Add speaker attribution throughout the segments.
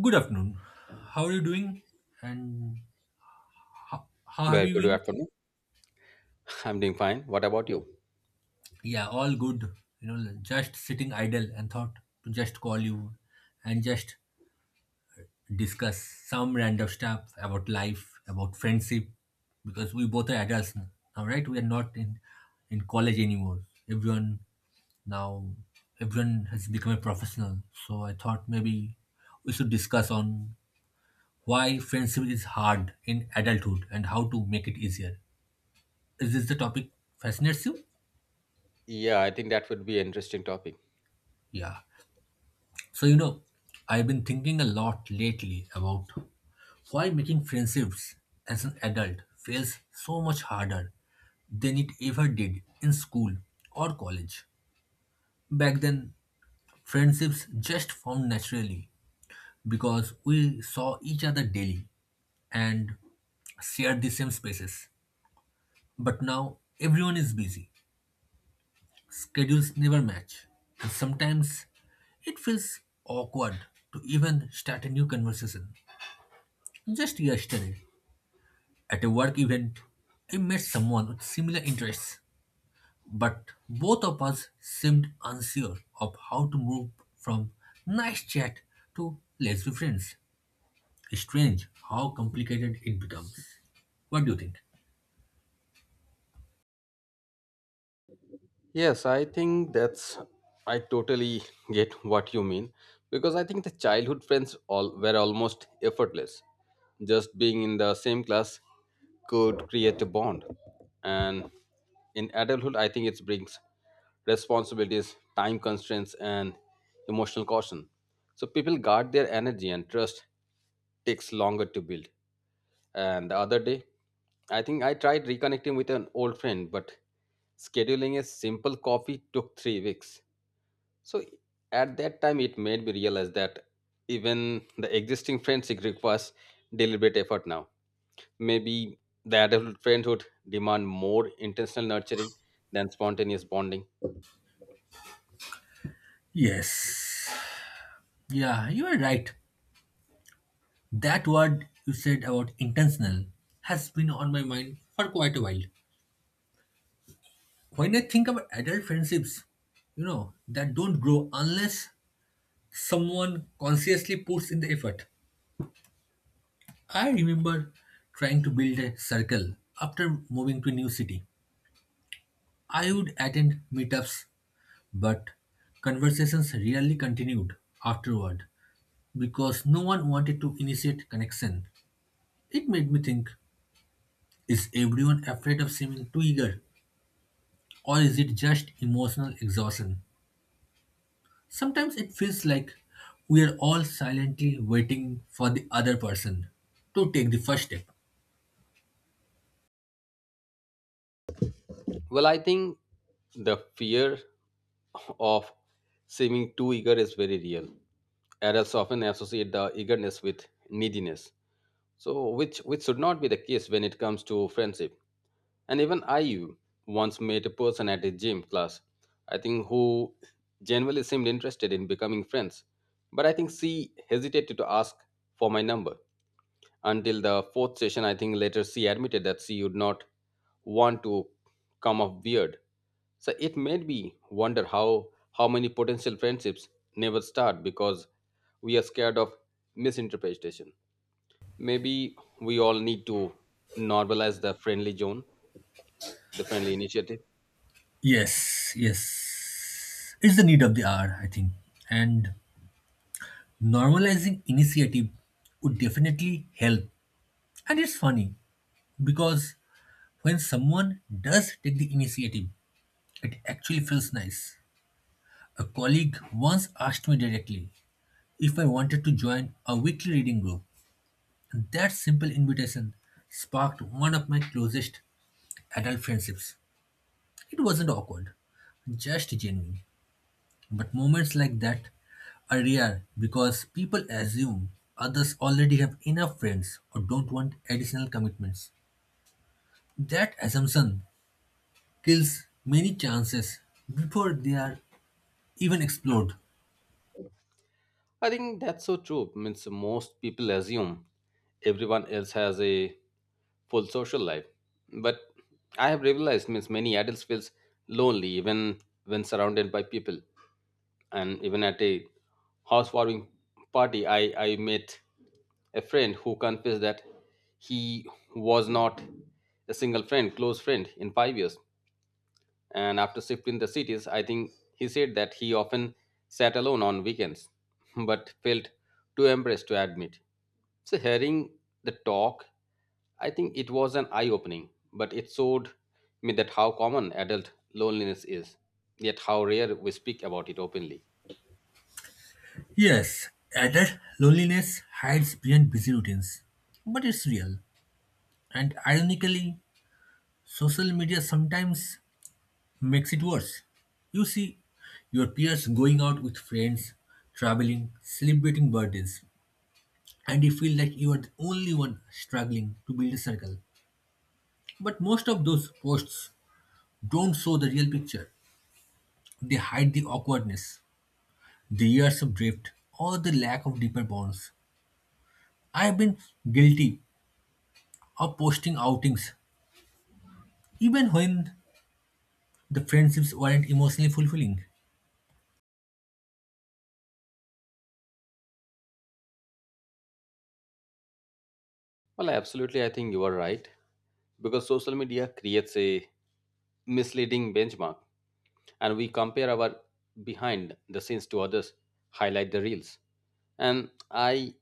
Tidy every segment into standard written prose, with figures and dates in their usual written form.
Speaker 1: Good afternoon. How are you doing? And how have
Speaker 2: Well,
Speaker 1: you
Speaker 2: good
Speaker 1: been?
Speaker 2: afternoon. I'm doing fine. What about you?
Speaker 1: Yeah, all good. You know, just sitting idle and thought to just call you and just discuss some random stuff about life, about friendship, because we both are adults now, right? We are not in college anymore. Everyone now, everyone has become a professional. So I thought maybe we should discuss on why friendship is hard in adulthood and how to make it easier. Is this the topic fascinates you?
Speaker 2: Yeah, I think that would be an interesting topic.
Speaker 1: Yeah. So, you know, I've been thinking a lot lately about why making friendships as an adult feels so much harder than it ever did in school or college. Back then, friendships just formed naturally because we saw each other daily and shared the same spaces. But now, everyone is busy schedules never match, and sometimes it feels awkward to even start a new conversation. Just yesterday, at a work event, I met someone with similar interests, but both of us seemed unsure of how to move from nice chat to let's be friends. Strange how complicated it becomes. What do you think?
Speaker 2: Yes, I think that's I totally get what you mean because I think the childhood friends all were almost effortless. Just being in the same class could create a bond. And in adulthood, I think it brings responsibilities, time constraints, and emotional caution. So people guard their energy and trust takes longer to build. And the other day, I think I tried reconnecting with an old friend, but scheduling a simple coffee took 3 weeks. So at that time, it made me realize that even the existing friendship requires deliberate effort now. Maybe the adult friend would demand more intentional nurturing than spontaneous bonding.
Speaker 1: Yes. Yeah, you are right. That word you said about intentional has been on my mind for quite a while. When I think about adult friendships, you know, that don't grow unless someone consciously puts in the effort. I remember trying to build a circle after moving to a new city. I would attend meetups, but conversations rarely continued afterward because no one wanted to initiate connection. It made me think, is everyone afraid of seeming too eager? Or is it just emotional exhaustion? Sometimes it feels like we are all silently waiting for the other person to take the first step.
Speaker 2: Well, I think the fear of seeming too eager is very real. Adults often associate the eagerness with neediness, so which should not be the case when it comes to friendship. And even I once met a person at a gym class, I think, who genuinely seemed interested in becoming friends, but I think she hesitated to ask for my number until the fourth session. I think later she admitted that she would not want to come off weird. So it made me wonder how many potential friendships never start because we are scared of misinterpretation. Maybe we all need to normalize the friendly zone, the friendly initiative.
Speaker 1: Yes, yes. It's the need of the hour, I think. And normalizing initiative would definitely help. And it's funny because when someone does take the initiative, it actually feels nice. A colleague once asked me directly if I wanted to join a weekly reading group. That simple invitation sparked one of my closest adult friendships. It wasn't awkward, just genuine. But moments like that are rare because people assume others already have enough friends or don't want additional commitments. That assumption kills many chances before they are even explored.
Speaker 2: I think that's so true. Means most people assume everyone else has a full social life, but I have realized, means many adults feels lonely even when surrounded by people. And even at a housewarming party, I met a friend who confessed that he was not a single friend close friend in 5 years. And after shifting the cities, I think he said that he often sat alone on weekends but felt too embarrassed to admit. So hearing the talk, I think it was an eye opening, but it showed me that how common adult loneliness is, yet how rare we speak about it openly.
Speaker 1: Yes, adult loneliness hides behind busy routines, but it's real. And ironically, social media sometimes makes it worse. You see your peers going out with friends, traveling, celebrating birthdays, and you feel like you are the only one struggling to build a circle. But most of those posts don't show the real picture. They hide the awkwardness, the years of drift, or the lack of deeper bonds. I have been guilty of posting outings even when the friendships weren't emotionally fulfilling.
Speaker 2: Well, absolutely, I think you are right, because social media creates a misleading benchmark, and we compare our behind the scenes to others highlight the reels. And I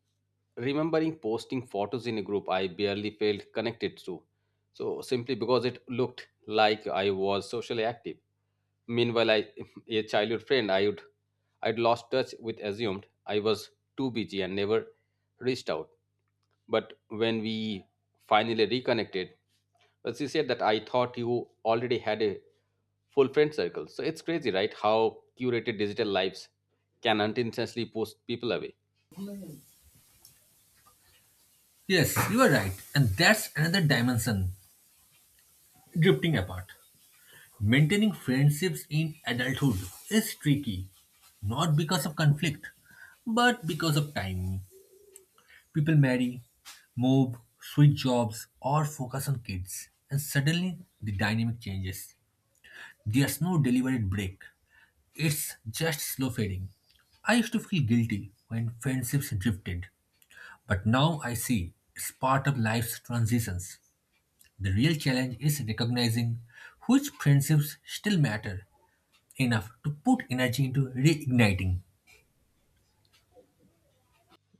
Speaker 2: remembering posting photos in a group I barely felt connected to, so simply because it looked like I was socially active. Meanwhile, I a childhood friend I'd lost touch with assumed I was too busy and never reached out. But when we finally reconnected, but she said that I thought you already had a full friend circle. So it's crazy, right? How curated digital lives can unintentionally push people away.
Speaker 1: Yes, you are right, and that's another dimension, drifting apart. Maintaining friendships in adulthood is tricky, not because of conflict, but because of time. People marry, move, switch jobs, or focus on kids, and suddenly the dynamic changes. There's no deliberate break, it's just slow fading. I used to feel guilty when friendships drifted, but now I see it's part of life's transitions. The real challenge is recognizing which friendships still matter enough to put energy into reigniting.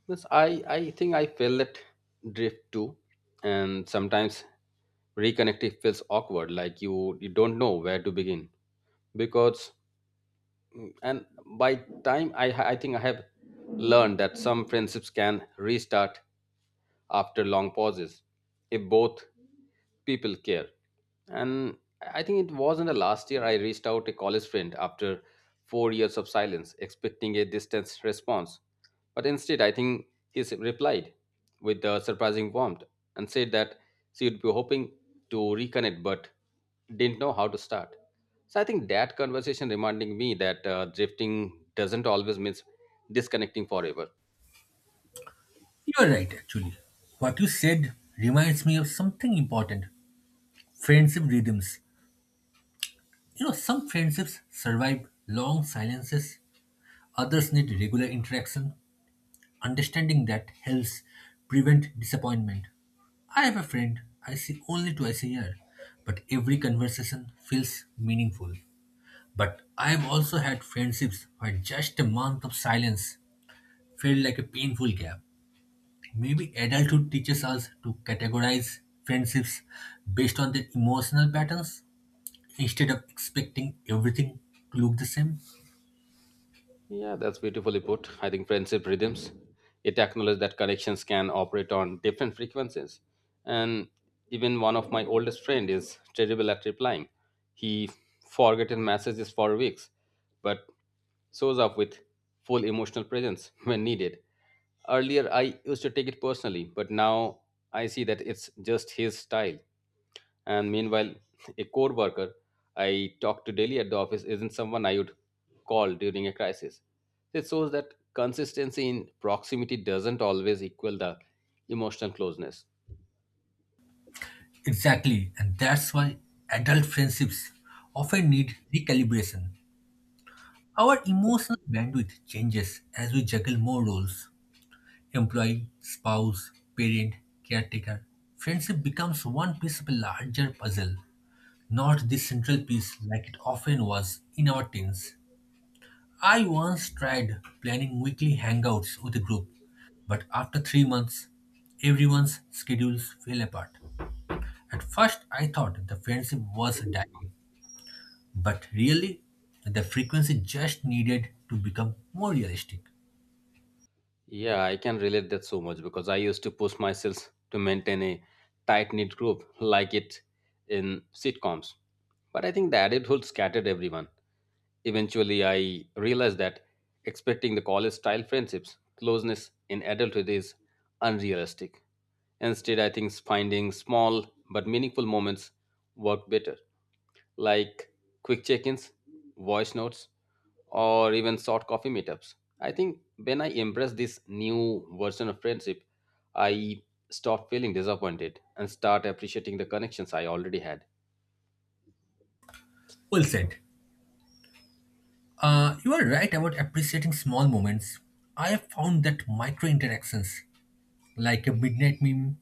Speaker 2: Because I think I felt that drift too. And sometimes reconnecting feels awkward, like you don't know where to begin. Because, and by time, I think I have learned that some friendships can restart after long pauses if both people care. And I think it wasn't the last year I reached out a college friend after 4 years of silence expecting a distant response. But instead, I think replied with surprising warmth and said that she would be hoping to reconnect but didn't know how to start. So I think that conversation reminding me that drifting doesn't always mean disconnecting forever.
Speaker 1: You're right, actually. What you said reminds me of something important: friendship rhythms. You know, some friendships survive long silences, others need regular interaction. Understanding that helps prevent disappointment. I have a friend I see only twice a year, but every conversation feels meaningful. But I've also had friendships where just a month of silence felt like a painful gap. Maybe adulthood teaches us to categorize friendships based on their emotional patterns instead of expecting everything to look the same.
Speaker 2: Yeah, that's beautifully put. I think friendship rhythms, it acknowledges that connections can operate on different frequencies. And even one of my oldest friend is terrible at replying. He forgotten messages for weeks, but shows up with full emotional presence when needed. Earlier, I used to take it personally, but now I see that it's just his style. And meanwhile, a core worker I talk to daily at the office isn't someone I would call during a crisis. It shows that consistency in proximity doesn't always equal the emotional closeness.
Speaker 1: Exactly, and that's why adult friendships often need recalibration. Our emotional bandwidth changes as we juggle more roles: employee, spouse, parent, caretaker. Friendship becomes one piece of a larger puzzle, not the central piece like it often was in our teens. I once tried planning weekly hangouts with a group, but after 3 months, everyone's schedules fell apart. At first, I thought the friendship was dying, but really, the frequency just needed to become more realistic.
Speaker 2: Yeah, I can relate that so much because I used to push myself to maintain a tight knit group like it in sitcoms. But I think the adulthood scattered everyone. Eventually, I realized that expecting the college style friendships, closeness in adulthood is unrealistic. Instead, I think finding small but meaningful moments work better, like quick check ins, voice notes, or even short coffee meetups. I think when I embrace this new version of friendship, I stop feeling disappointed and start appreciating the connections I already had.
Speaker 1: Well said. You are right about appreciating small moments. I have found that micro interactions, like a midnight meme,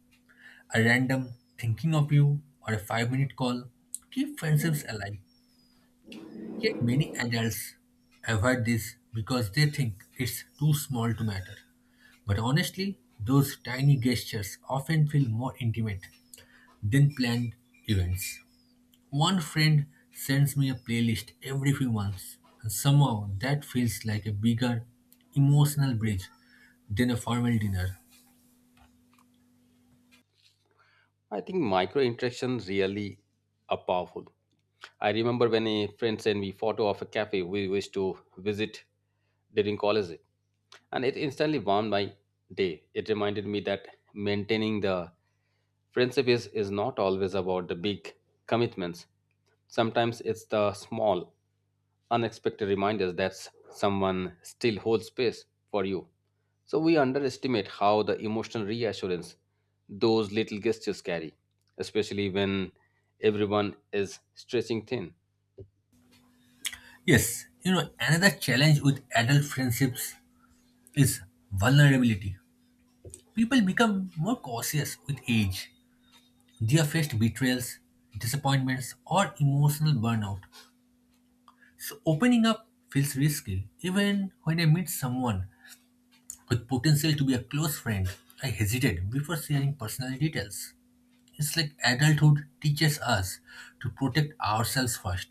Speaker 1: a random thinking of you, or a 5 minute call, keep friendships alive. Yet many adults avoid this because they think it's too small to matter. But honestly, those tiny gestures often feel more intimate than planned events. One friend sends me a playlist every few months, and somehow that feels like a bigger emotional bridge than a formal dinner.
Speaker 2: I think micro interactions really are powerful. I remember when a friend sent me photo of a cafe we wished to visit during college, and it instantly warmed my day. It reminded me that maintaining the friendship is not always about the big commitments. Sometimes it's the small, unexpected reminders that someone still holds space for you. So we underestimate how the emotional reassurance those little gestures carry, especially when everyone is stretching thin.
Speaker 1: Yes, you know, another challenge with adult friendships is vulnerability. People become more cautious with age. They have faced betrayals, disappointments, or emotional burnout. So opening up feels risky. Even when I meet someone with potential to be a close friend, I hesitate before sharing personal details. It's like adulthood teaches us to protect ourselves first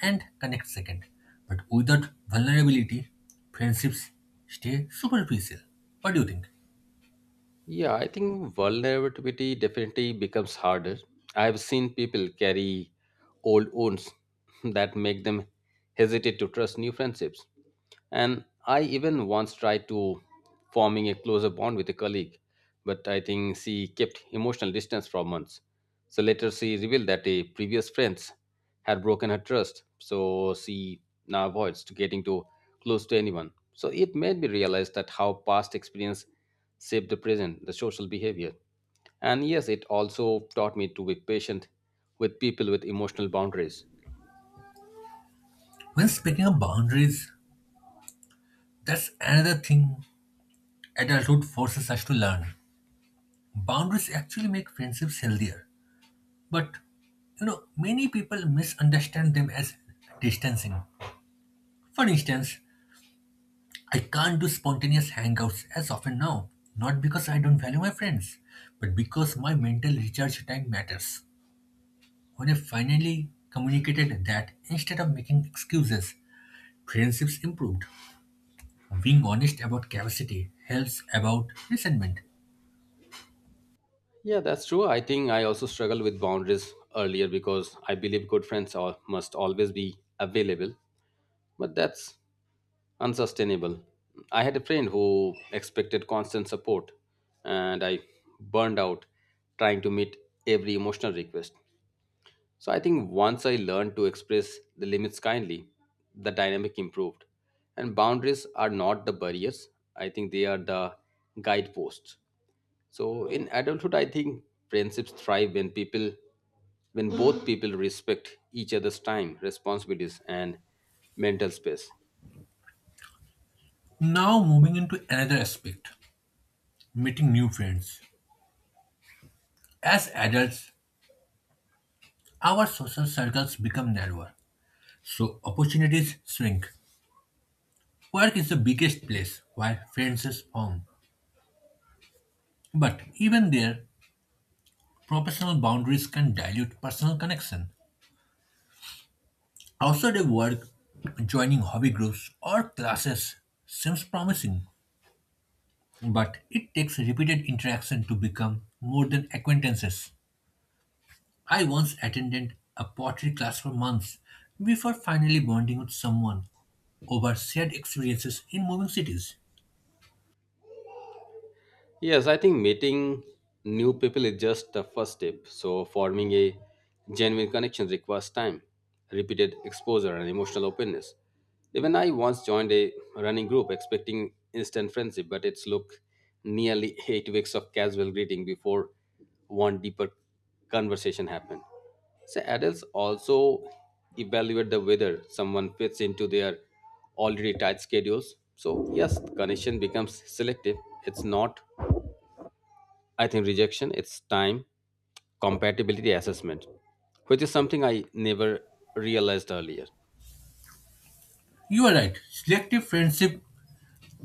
Speaker 1: and connect second. But without vulnerability, friendships stay superficial. What do you think?
Speaker 2: Yeah, I think vulnerability definitely becomes harder. I've seen people carry old wounds that make them hesitate to trust new friendships. And I even once tried to forming a closer bond with a colleague, but I think she kept emotional distance for months. So later she revealed that a previous friends had broken her trust, so she now avoids to getting too close to anyone. So it made me realize that how past experience shape the present, the social behavior. And yes, it also taught me to be patient with people with emotional boundaries.
Speaker 1: When speaking of boundaries, that's another thing adulthood forces us to learn. Boundaries actually make friendships healthier, but you know, many people misunderstand them as distancing. For instance, I can't do spontaneous hangouts as often now, not because I don't value my friends, but because my mental recharge time matters. When I finally communicated that instead of making excuses, friendships improved. Being honest about capacity helps about resentment.
Speaker 2: Yeah, that's true. I think I also struggled with boundaries earlier because I believe good friends are, must always be available, but that's unsustainable. I had a friend who expected constant support, and I burned out trying to meet every emotional request. So I think once I learned to express the limits kindly, the dynamic improved. And boundaries are not the barriers, I think they are the guideposts. So in adulthood, I think friendships thrive when both people respect each other's time, responsibilities, and mental space.
Speaker 1: Now, moving into another aspect: meeting new friends. As adults, our social circles become narrower, so opportunities shrink. Work is the biggest place where friends is formed. But even there, professional boundaries can dilute personal connection. Outside of work, joining hobby groups or classes seems promising, but it takes repeated interaction to become more than acquaintances. I once attended a pottery class for months before finally bonding with someone over shared experiences in moving cities.
Speaker 2: Yes, I think meeting new people is just the first step. So, forming a genuine connection requires time, repeated exposure, and emotional openness. Even I once joined a running group expecting instant friendship, but it took nearly 8 weeks of casual greeting before one deeper conversation happened. So, adults also evaluate the whether someone fits into their already tight schedules. So, yes, connection becomes selective. It's not, I think, rejection, it's time compatibility assessment, which is something I never realized earlier.
Speaker 1: You are right. Selective friendship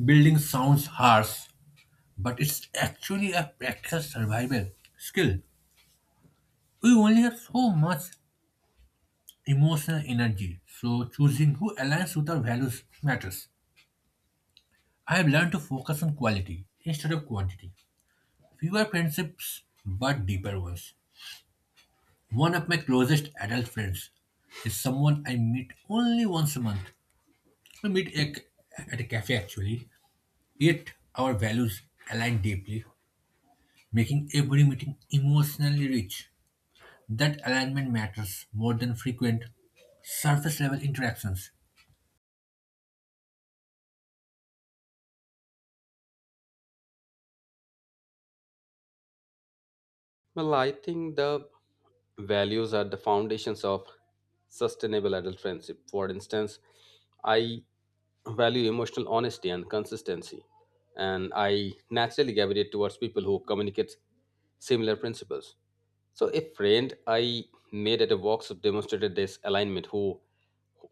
Speaker 1: building sounds harsh, but it's actually a practical survival skill. We only have so much emotional energy, so choosing who aligns with our values matters. I have learned to focus on quality instead of quantity. Fewer friendships, but deeper ones. One of my closest adult friends is someone I meet only once a month. We meet at a cafe actually, yet our values align deeply, making every meeting emotionally rich. That alignment matters more than frequent surface level interactions.
Speaker 2: Well, I think the values are the foundations of sustainable adult friendship. For instance, I value emotional honesty and consistency, and I naturally gravitate towards people who communicate similar principles. So, a friend I made at a workshop demonstrated this alignment, who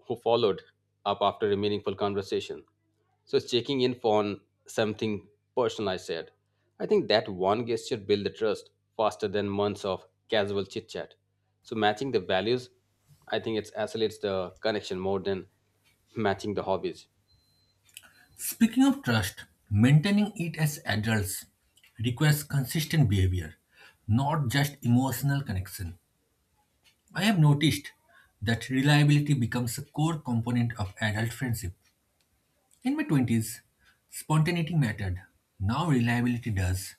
Speaker 2: who followed up after a meaningful conversation. So it's checking in on something personal, I said. I think that one gesture built the trust faster than months of casual chit chat. So matching the values, I think it accelerates the connection more than matching the hobbies.
Speaker 1: Speaking of trust, maintaining it as adults requires consistent behavior, not just emotional connection. I have noticed that reliability becomes a core component of adult friendship. In my 20s, spontaneity mattered. Now reliability does.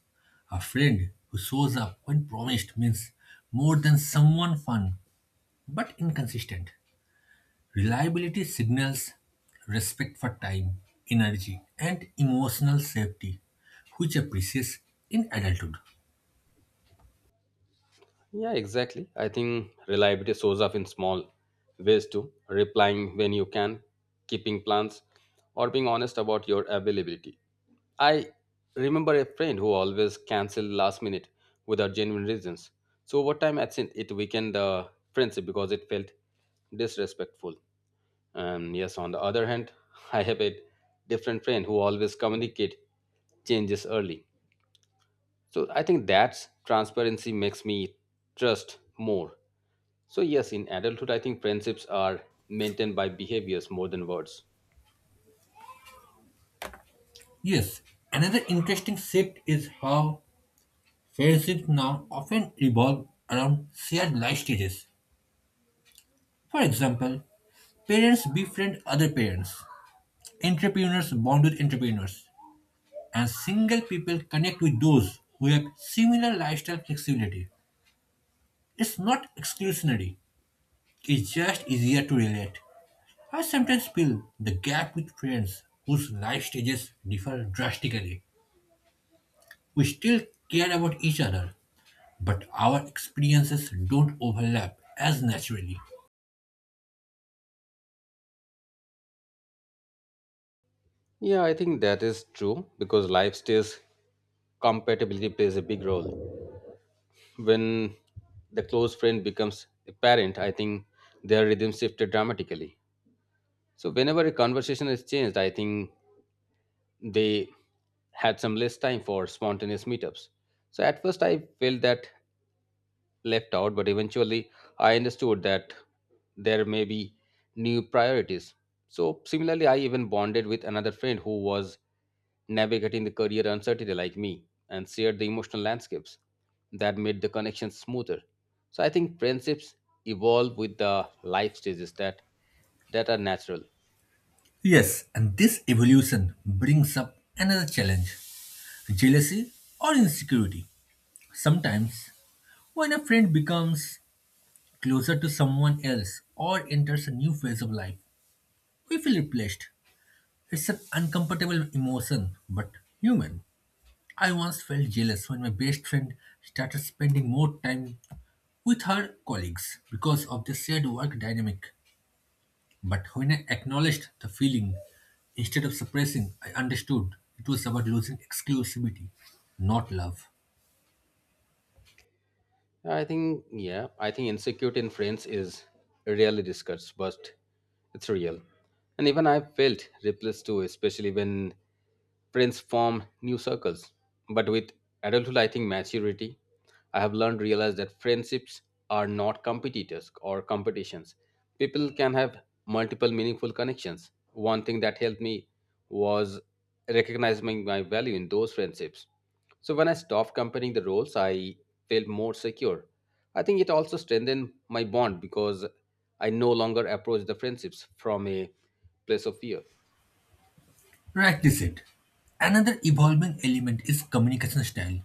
Speaker 1: A friend who shows up when promised means more than someone fun but inconsistent. Reliability signals respect for time, energy, and emotional safety, which appreciates in adulthood.
Speaker 2: Yeah, exactly. I think reliability shows up in small ways too, replying when you can, keeping plans, or being honest about your availability. I remember a friend who always canceled last minute without genuine reasons. So over time, I think it weakened the friendship because it felt disrespectful. And yes, on the other hand, I have a different friend who always communicate changes early. So I think that transparency makes me trust more. So, yes, in adulthood, I think friendships are maintained by behaviors more than words.
Speaker 1: Yes, another interesting shift is how friendships now often revolve around shared life stages. For example, parents befriend other parents, entrepreneurs bond with entrepreneurs, and single people connect with those who have similar lifestyle flexibility. It's not exclusionary, it's just easier to relate. I sometimes feel the gap with friends whose life stages differ drastically. We still care about each other, but our experiences don't overlap as naturally.
Speaker 2: Yeah, I think that is true because life stages compatibility plays a big role. When the close friend becomes a parent, I think their rhythm shifted dramatically. So, whenever a conversation is changed, I think they had some less time for spontaneous meetups. So, at first, I felt that left out, but eventually I understood that there may be new priorities. So, similarly, I even bonded with another friend who was navigating the career uncertainty like me and shared the emotional landscapes that made the connection smoother. So, I think friendships evolve with the life stages that are natural.
Speaker 1: Yes, and this evolution brings up another challenge: jealousy or insecurity. Sometimes, when a friend becomes closer to someone else or enters a new phase of life, we feel replaced. It's an uncomfortable emotion, but human. I once felt jealous when my best friend started spending more time with her colleagues because of the shared work dynamic. But when I acknowledged the feeling, instead of suppressing, I understood it was about losing exclusivity, not love.
Speaker 2: I think, yeah, I think insecurity in friends is rarely discussed, but it's real. And even I felt replaced too, especially when friends form new circles. But with adulthood, I think maturity, I have learned realize that friendships are not competitors or competitions. People can have multiple meaningful connections. One thing that helped me was recognizing my value in those friendships. So when I stopped comparing the roles, I felt more secure. I think it also strengthened my bond because I no longer approach the friendships from a place of fear.
Speaker 1: Rightly said. Another evolving element is communication style.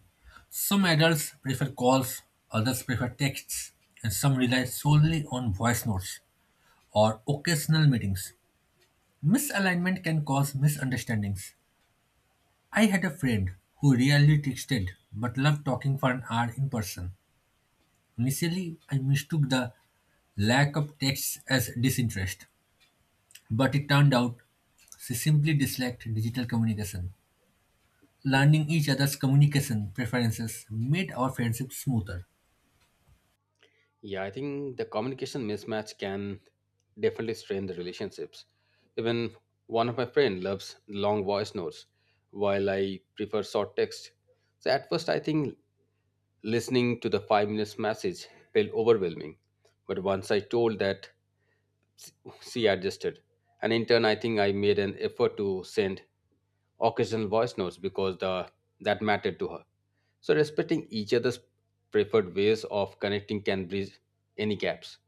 Speaker 1: Some adults prefer calls, others prefer texts, and some rely solely on voice notes or occasional meetings. Misalignment can cause misunderstandings. I had a friend who rarely texted but loved talking for an hour in person. Initially, I mistook the lack of texts as disinterest, but it turned out she simply disliked digital communication. Learning each other's communication preferences made our friendship smoother.
Speaker 2: Yeah, I think the communication mismatch can definitely strain the relationships. Even one of my friend loves long voice notes, while I prefer short text. So at first, I think listening to the 5 minutes message felt overwhelming, but once I told that, s- she adjusted, and in turn, I think I made an effort to send occasional voice notes because the that mattered to her. So respecting each other's preferred ways of connecting can bridge any gaps.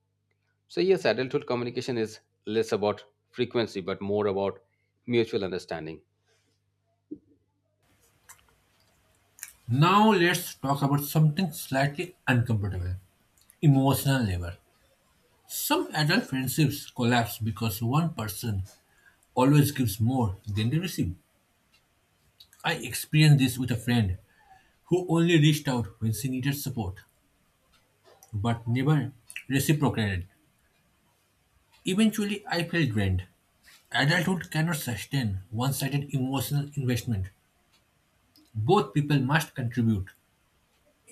Speaker 2: So, yes, adulthood communication is less about frequency but more about mutual understanding.
Speaker 1: Now, let's talk about something slightly uncomfortable: emotional labor. Some adult friendships collapse because one person always gives more than they receive. I experienced this with a friend who only reached out when she needed support, but never reciprocated. Eventually, I felt drained. Adulthood cannot sustain one sided emotional investment. Both people must contribute,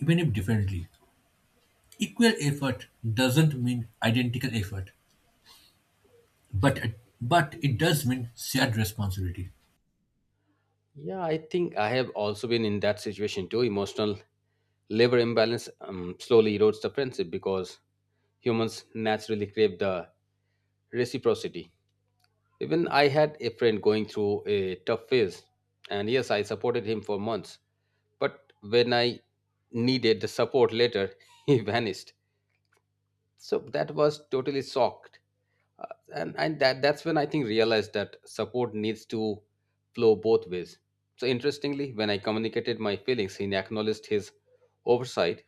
Speaker 1: even if differently. Equal effort doesn't mean identical effort, but, but it does mean shared responsibility.
Speaker 2: Yeah, I think I have also been in that situation too. Emotional labor imbalance slowly erodes the friendship because humans naturally crave the reciprocity. Even I had a friend going through a tough phase, and yes, I supported him for months. But when I needed the support later, he vanished. So that was totally shocked uh, and that's when I think realized that support needs to flow both ways. So interestingly, when I communicated my feelings, he acknowledged his oversight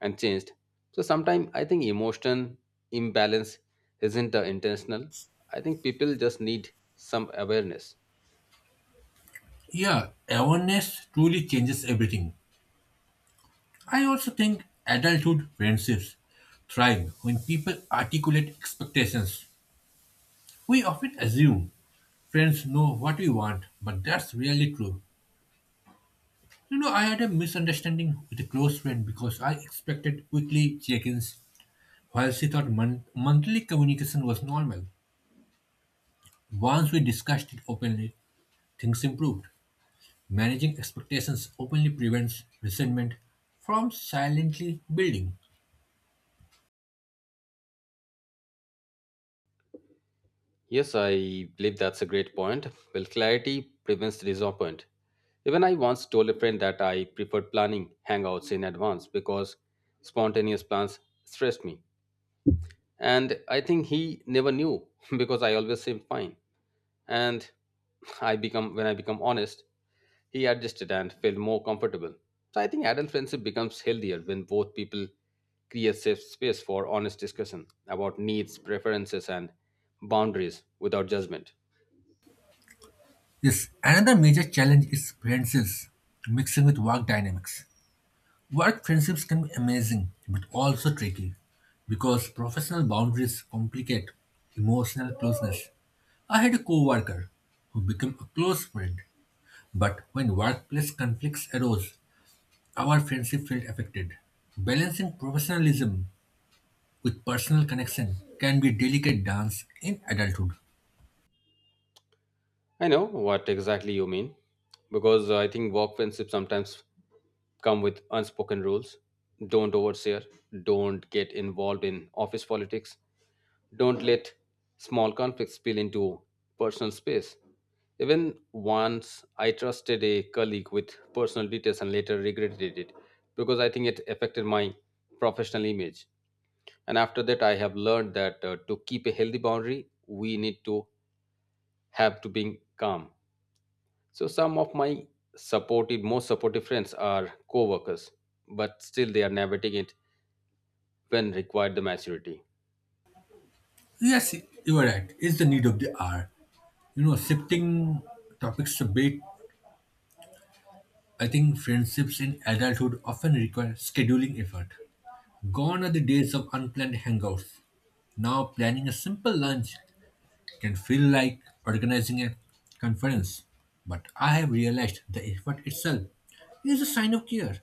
Speaker 2: and changed. So sometimes I think emotion imbalance isn't intentional. I think people just need some awareness.
Speaker 1: Yeah, awareness truly changes everything. I also think adulthood friendships thrive when people articulate expectations. We often assume friends know what we want, but that's rarely true. You know, I had a misunderstanding with a close friend because I expected weekly check ins, while she thought monthly communication was normal. Once we discussed it openly, things improved. Managing expectations openly prevents resentment from silently building.
Speaker 2: Yes, I believe that's a great point. Well, clarity prevents disappointment. Even I once told a friend that I preferred planning hangouts in advance because spontaneous plans stressed me. And I think he never knew because I always seemed fine and I become when I become honest, he adjusted and felt more comfortable. So I think adult friendship becomes healthier when both people create safe space for honest discussion about needs, preferences, and boundaries without judgment.
Speaker 1: Yes, another major challenge is friendships mixing with work dynamics. Work friendships can be amazing but also tricky because professional boundaries complicate emotional closeness. I had a coworker who became a close friend, but when workplace conflicts arose, our friendship felt affected. Balancing professionalism with personal connection can be a delicate dance in adulthood.
Speaker 2: I know what exactly you mean because I think work friendships sometimes come with unspoken rules. Don't overshare, don't get involved in office politics, don't let small conflicts spill into personal space. Even once I trusted a colleague with personal details and later regretted it because I think it affected my professional image. And after that, I have learned that to keep a healthy boundary, we need to have to be calm. So some of my most supportive friends are co-workers, but still they are navigating it when required the maturity.
Speaker 1: Yes, you are right. It's the need of the hour. You know, shifting topics a bit, I think friendships in adulthood often require scheduling effort. Gone are the days of unplanned hangouts. Now, planning a simple lunch can feel like organizing a conference. But I have realized the effort itself is a sign of care.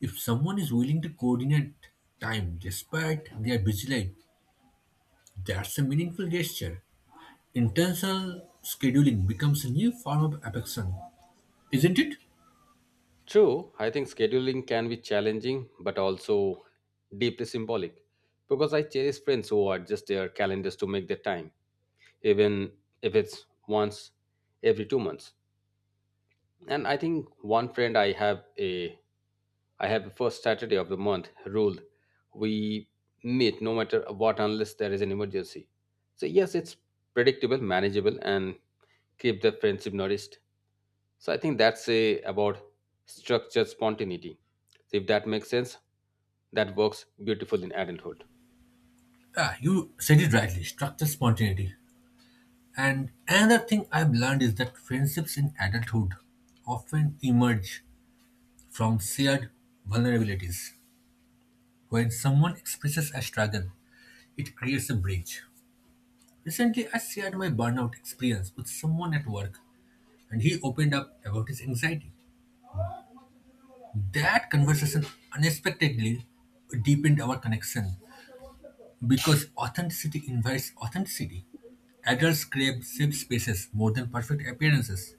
Speaker 1: If someone is willing to coordinate time despite their busy life, that's a meaningful gesture. Intentional scheduling becomes a new form of affection, isn't it?
Speaker 2: True, I think scheduling can be challenging but also deeply symbolic because I cherish friends who adjust their calendars to make their time, even if it's once every 2 months. And I think one friend I have a first Saturday of the month rule. We meet no matter what unless there is an emergency. So yes, it's predictable, manageable, and keep the friendship nourished. So I think that's a about structured spontaneity. So if that makes sense, that works beautiful in adulthood.
Speaker 1: Ah, you said it rightly, structure spontaneity. And another thing I've learned is that friendships in adulthood often emerge from shared vulnerabilities. When someone expresses a struggle, it creates a bridge. Recently, I shared my burnout experience with someone at work, and he opened up about his anxiety. That conversation unexpectedly deepened our connection because authenticity invites authenticity. Adults crave safe spaces more than perfect appearances.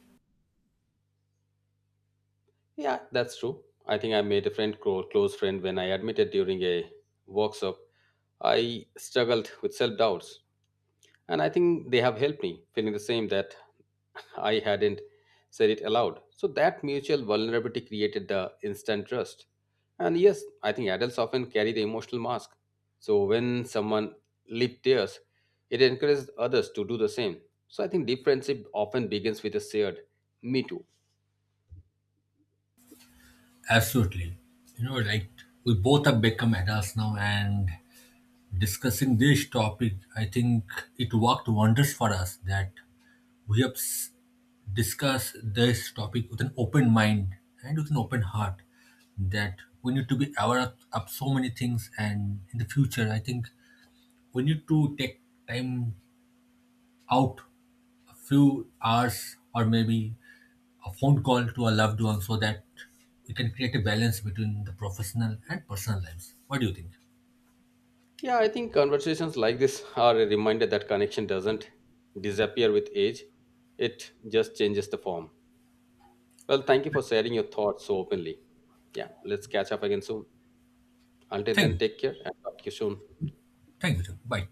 Speaker 2: Yeah, that's true. I think I made a friend, close friend, when I admitted during a workshop. I struggled with self doubts, and I think they have helped me feeling the same that I hadn't said it aloud. So that mutual vulnerability created the instant trust. And yes, I think adults often carry the emotional mask. So when someone lived theirs, it encourages others to do the same. So I think deep friendship often begins with a shared me too.
Speaker 1: Absolutely. You know, like we both have become adults now and discussing this topic, I think it worked wonders for us that we have discussed this topic with an open mind and with an open heart, that we need to be aware of, so many things, and in the future, I think we need to take time out, a few hours, or maybe a phone call to a loved one, so that we can create a balance between the professional and personal lives. What do you think?
Speaker 2: Yeah, I think conversations like this are a reminder that connection doesn't disappear with age, it just changes the form. Well, thank you for sharing your thoughts so openly. Yeah, let's catch up again soon. Until
Speaker 1: Thank
Speaker 2: then,
Speaker 1: you.
Speaker 2: take care and talk to you soon.
Speaker 1: Thank you, sir. Bye.